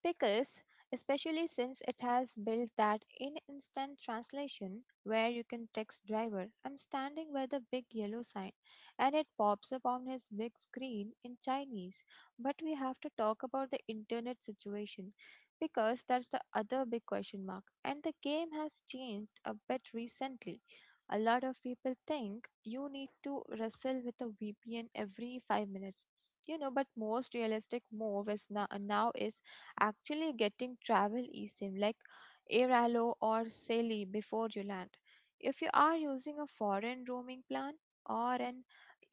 because, especially since it has built that in instant translation where you can text driver, I'm standing by the big yellow sign, and it pops up on his big screen in Chinese. But we have to talk about the internet situation because that's the other big question mark, and the game has changed a bit recently. A lot of people think you need to wrestle with a VPN every 5 minutes. You know, but most realistic move is now is actually getting travel eSIM like Airalo or Sally before you land. If you are using a foreign roaming plan or an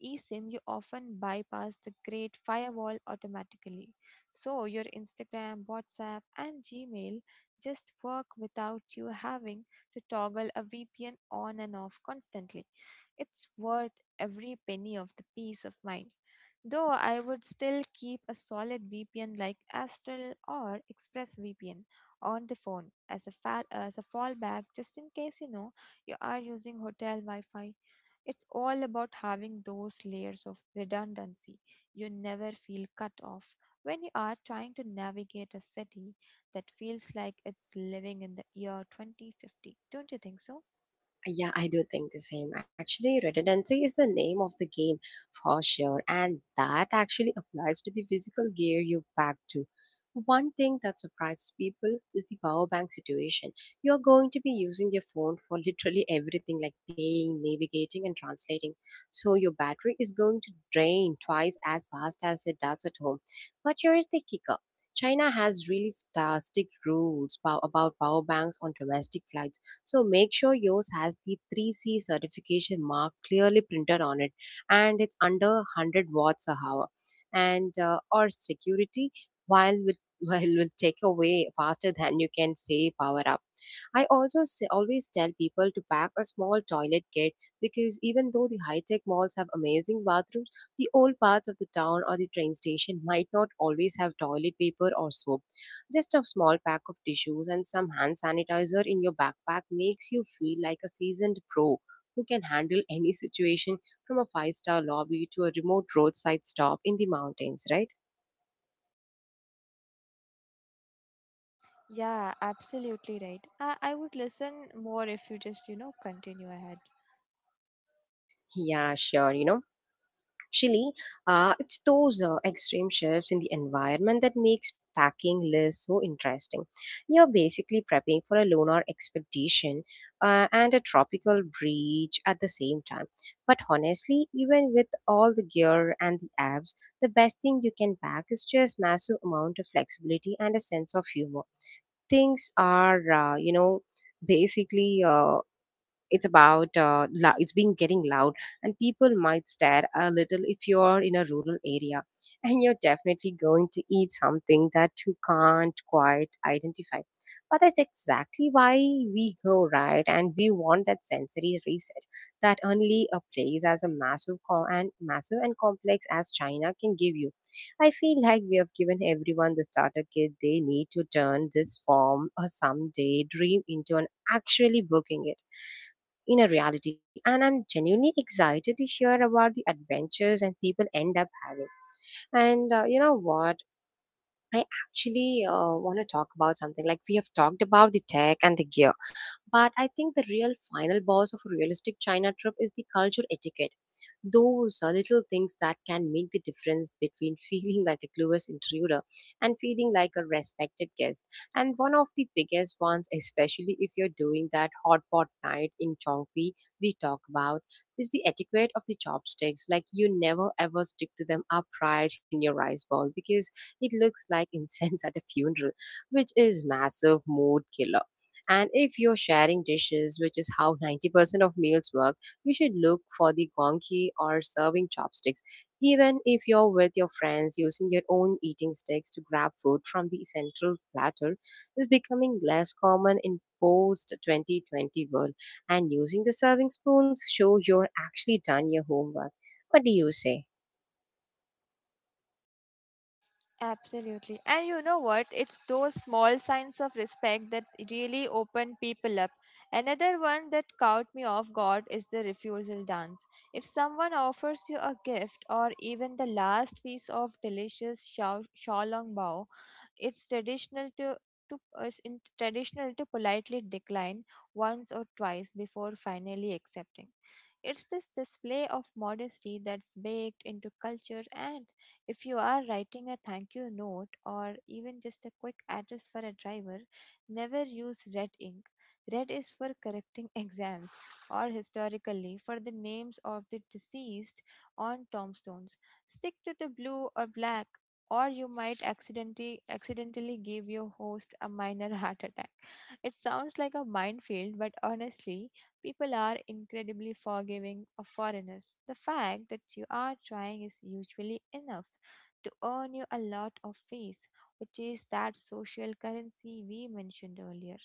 eSIM, you often bypass the great firewall automatically. So your Instagram, WhatsApp, and Gmail just work without you having to toggle a VPN on and off constantly. It's worth every penny of the peace of mind. Though I would still keep a solid VPN like Astral or ExpressVPN on the phone as a fallback just in case you know you are using hotel Wi-Fi. It's all about having those layers of redundancy. You never feel cut off when you are trying to navigate a city that feels like it's living in the year 2050. Don't you think so? Yeah, I do think the same. Actually, redundancy is the name of the game for sure, and that actually applies to the physical gear you pack too. One thing that surprises people is the power bank situation. You are going to be using your phone for <laughs> literally everything, like paying, navigating, and translating. So your battery is going to drain twice as fast as it does at home. But here is the kicker. China has really star strict rules about power banks on domestic flights, so make sure yours has the 3C certification mark clearly printed on it and it's under 100 watts a hour. And or security while with <laughs> while will take away faster than you can say power up. I also say, always tell people to pack a small toilet kit, because even though the high tech malls have amazing bathrooms, the old parts of the town or the train station might not always have toilet paper or soap. Just a small pack of tissues and some hand sanitizer in your backpack makes you feel like a seasoned pro who can handle <laughs> any situation, from a five-star lobby to a remote roadside stop in the mountains, right? Yeah, absolutely right. I would listen more if you just, you know, continue ahead. Yeah, sure, you know. Actually, it's those extreme shifts in the environment that makes packing lists so interesting. You're basically prepping for a lunar expedition and a tropical breach at the same time. But honestly, even with all the gear and the apps, the best thing you can pack is just massive amount of flexibility and a sense of humor. Things are, basically. It's about it's been getting loud, and people might stare a little if you're in a rural area, and you're definitely going to eat something that you can't quite identify, but that's exactly why we go, right? And we want that sensory reset that only a place as a massive co- and massive and complex as China can give you. I feel like we have given everyone the starter kit they need to turn this form or someday dream into an actually booking it inner reality. And I'm genuinely excited to hear about the adventures and people end up having. And You know what? I actually want to talk about something. Like, we have talked about the tech and the gear, but I think the real final boss of a realistic China trip is the culture etiquette. Those are little things that can make the difference between <laughs> feeling like a clueless intruder and feeling like a respected guest. And one of the biggest ones, especially if you're doing that hot pot night in Chongqi we talk about, is the etiquette of the chopsticks. Like, you never ever stick to them upright in your rice bowl because it looks like incense <laughs> at a funeral, which is massive mood killer. And if you're sharing dishes, which is how 90% of meals work, you should look for the gonki or serving chopsticks. Even if you're with your friends, using your own eating sticks to grab food from the central platter is becoming less common in post 2020 world. And using the serving spoons show you're actually done your homework. What do you say? Absolutely. And you know what? It's those small signs of respect that really open people up. Another one that caught me off guard is the refusal dance. If someone offers you a gift or even the last piece of delicious xiao long, it's traditional to traditional to politely decline once or twice before finally accepting. It's this display of modesty that's baked into culture, and if you are writing a thank you note or even just a quick address for a driver, never use red ink. Red is for correcting <laughs> exams, or historically for the names of the deceased on tombstones. Stick to the blue or black or you might accidentally give your host a minor <laughs> heart attack. It sounds like a minefield, but honestly, people are incredibly forgiving of foreigners. The fact that you are trying is usually enough to earn you a lot of face, which is that social currency we mentioned earlier.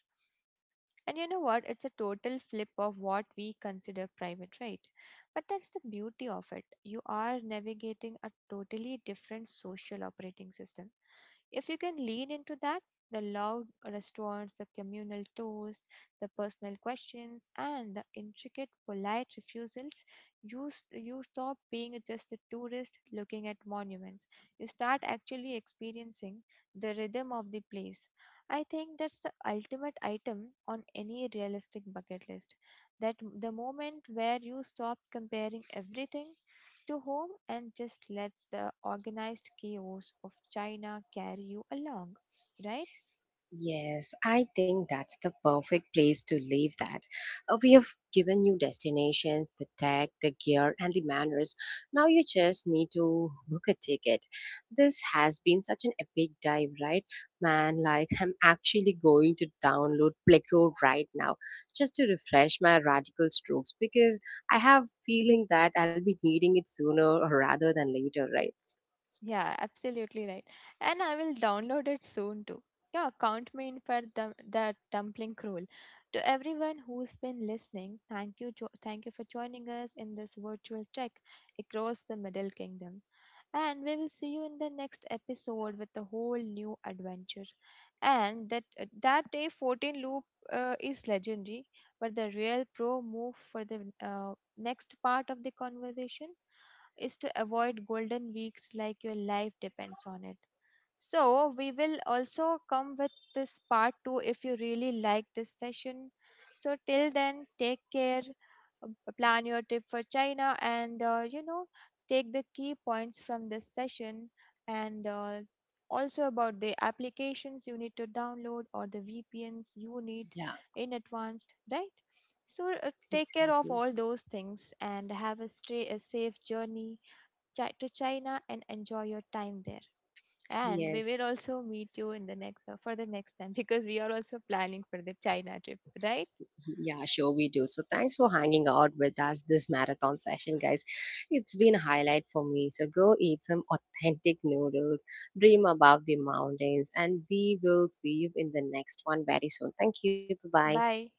And you know what? It's a total flip of what we consider private, right? But that's the beauty of it. You are navigating a totally different social operating system. If you can lean into that, the loud restaurants, the communal toast, the personal questions, and the intricate polite refusals, you stop being just a tourist looking at monuments. You start actually experiencing the rhythm of the place. I think that's the ultimate item on any realistic bucket list. The moment where you stop comparing everything to home and just lets the organized chaos of China carry you along, right? Yes, I think that's the perfect place to leave that. We have given you destinations, the tech, the gear, and the manners. Now you just need to book a ticket. This has been such an epic dive, right? Man, like, <laughs> I'm actually going to download Pleco right now just to refresh my radical strokes, because I have feeling that I'll be needing it sooner rather than later, right? Yeah, absolutely right. And I will download it soon too. Yeah, count me in for the dumpling crawl. To everyone who's been listening, thank you, thank you for joining us in this virtual trek across the Middle Kingdom. And we will see you in the next episode with a whole new adventure. And that day 14 loop is legendary, but the real pro move for the next part of the conversation is to avoid golden weeks like your life depends on it. So, we will also come with this part 2 if you really like this session. So, till then, take care, plan your trip for China, and you know, take the key points from this session and also about the applications you need to download or the VPNs you need Yeah, in advanced, right? So, take care of exactly. all those things and have a safe journey to China and enjoy your time there. And we will Yes. also meet you in the next for the next time <laughs> because we are also planning for the China trip, right? Yeah, sure we do. So thanks for hanging out with us this marathon session, guys. It's been a highlight for me. So go eat some authentic noodles, dream about the mountains, and we will see you in the next one very soon. Thank you. Bye bye. Bye.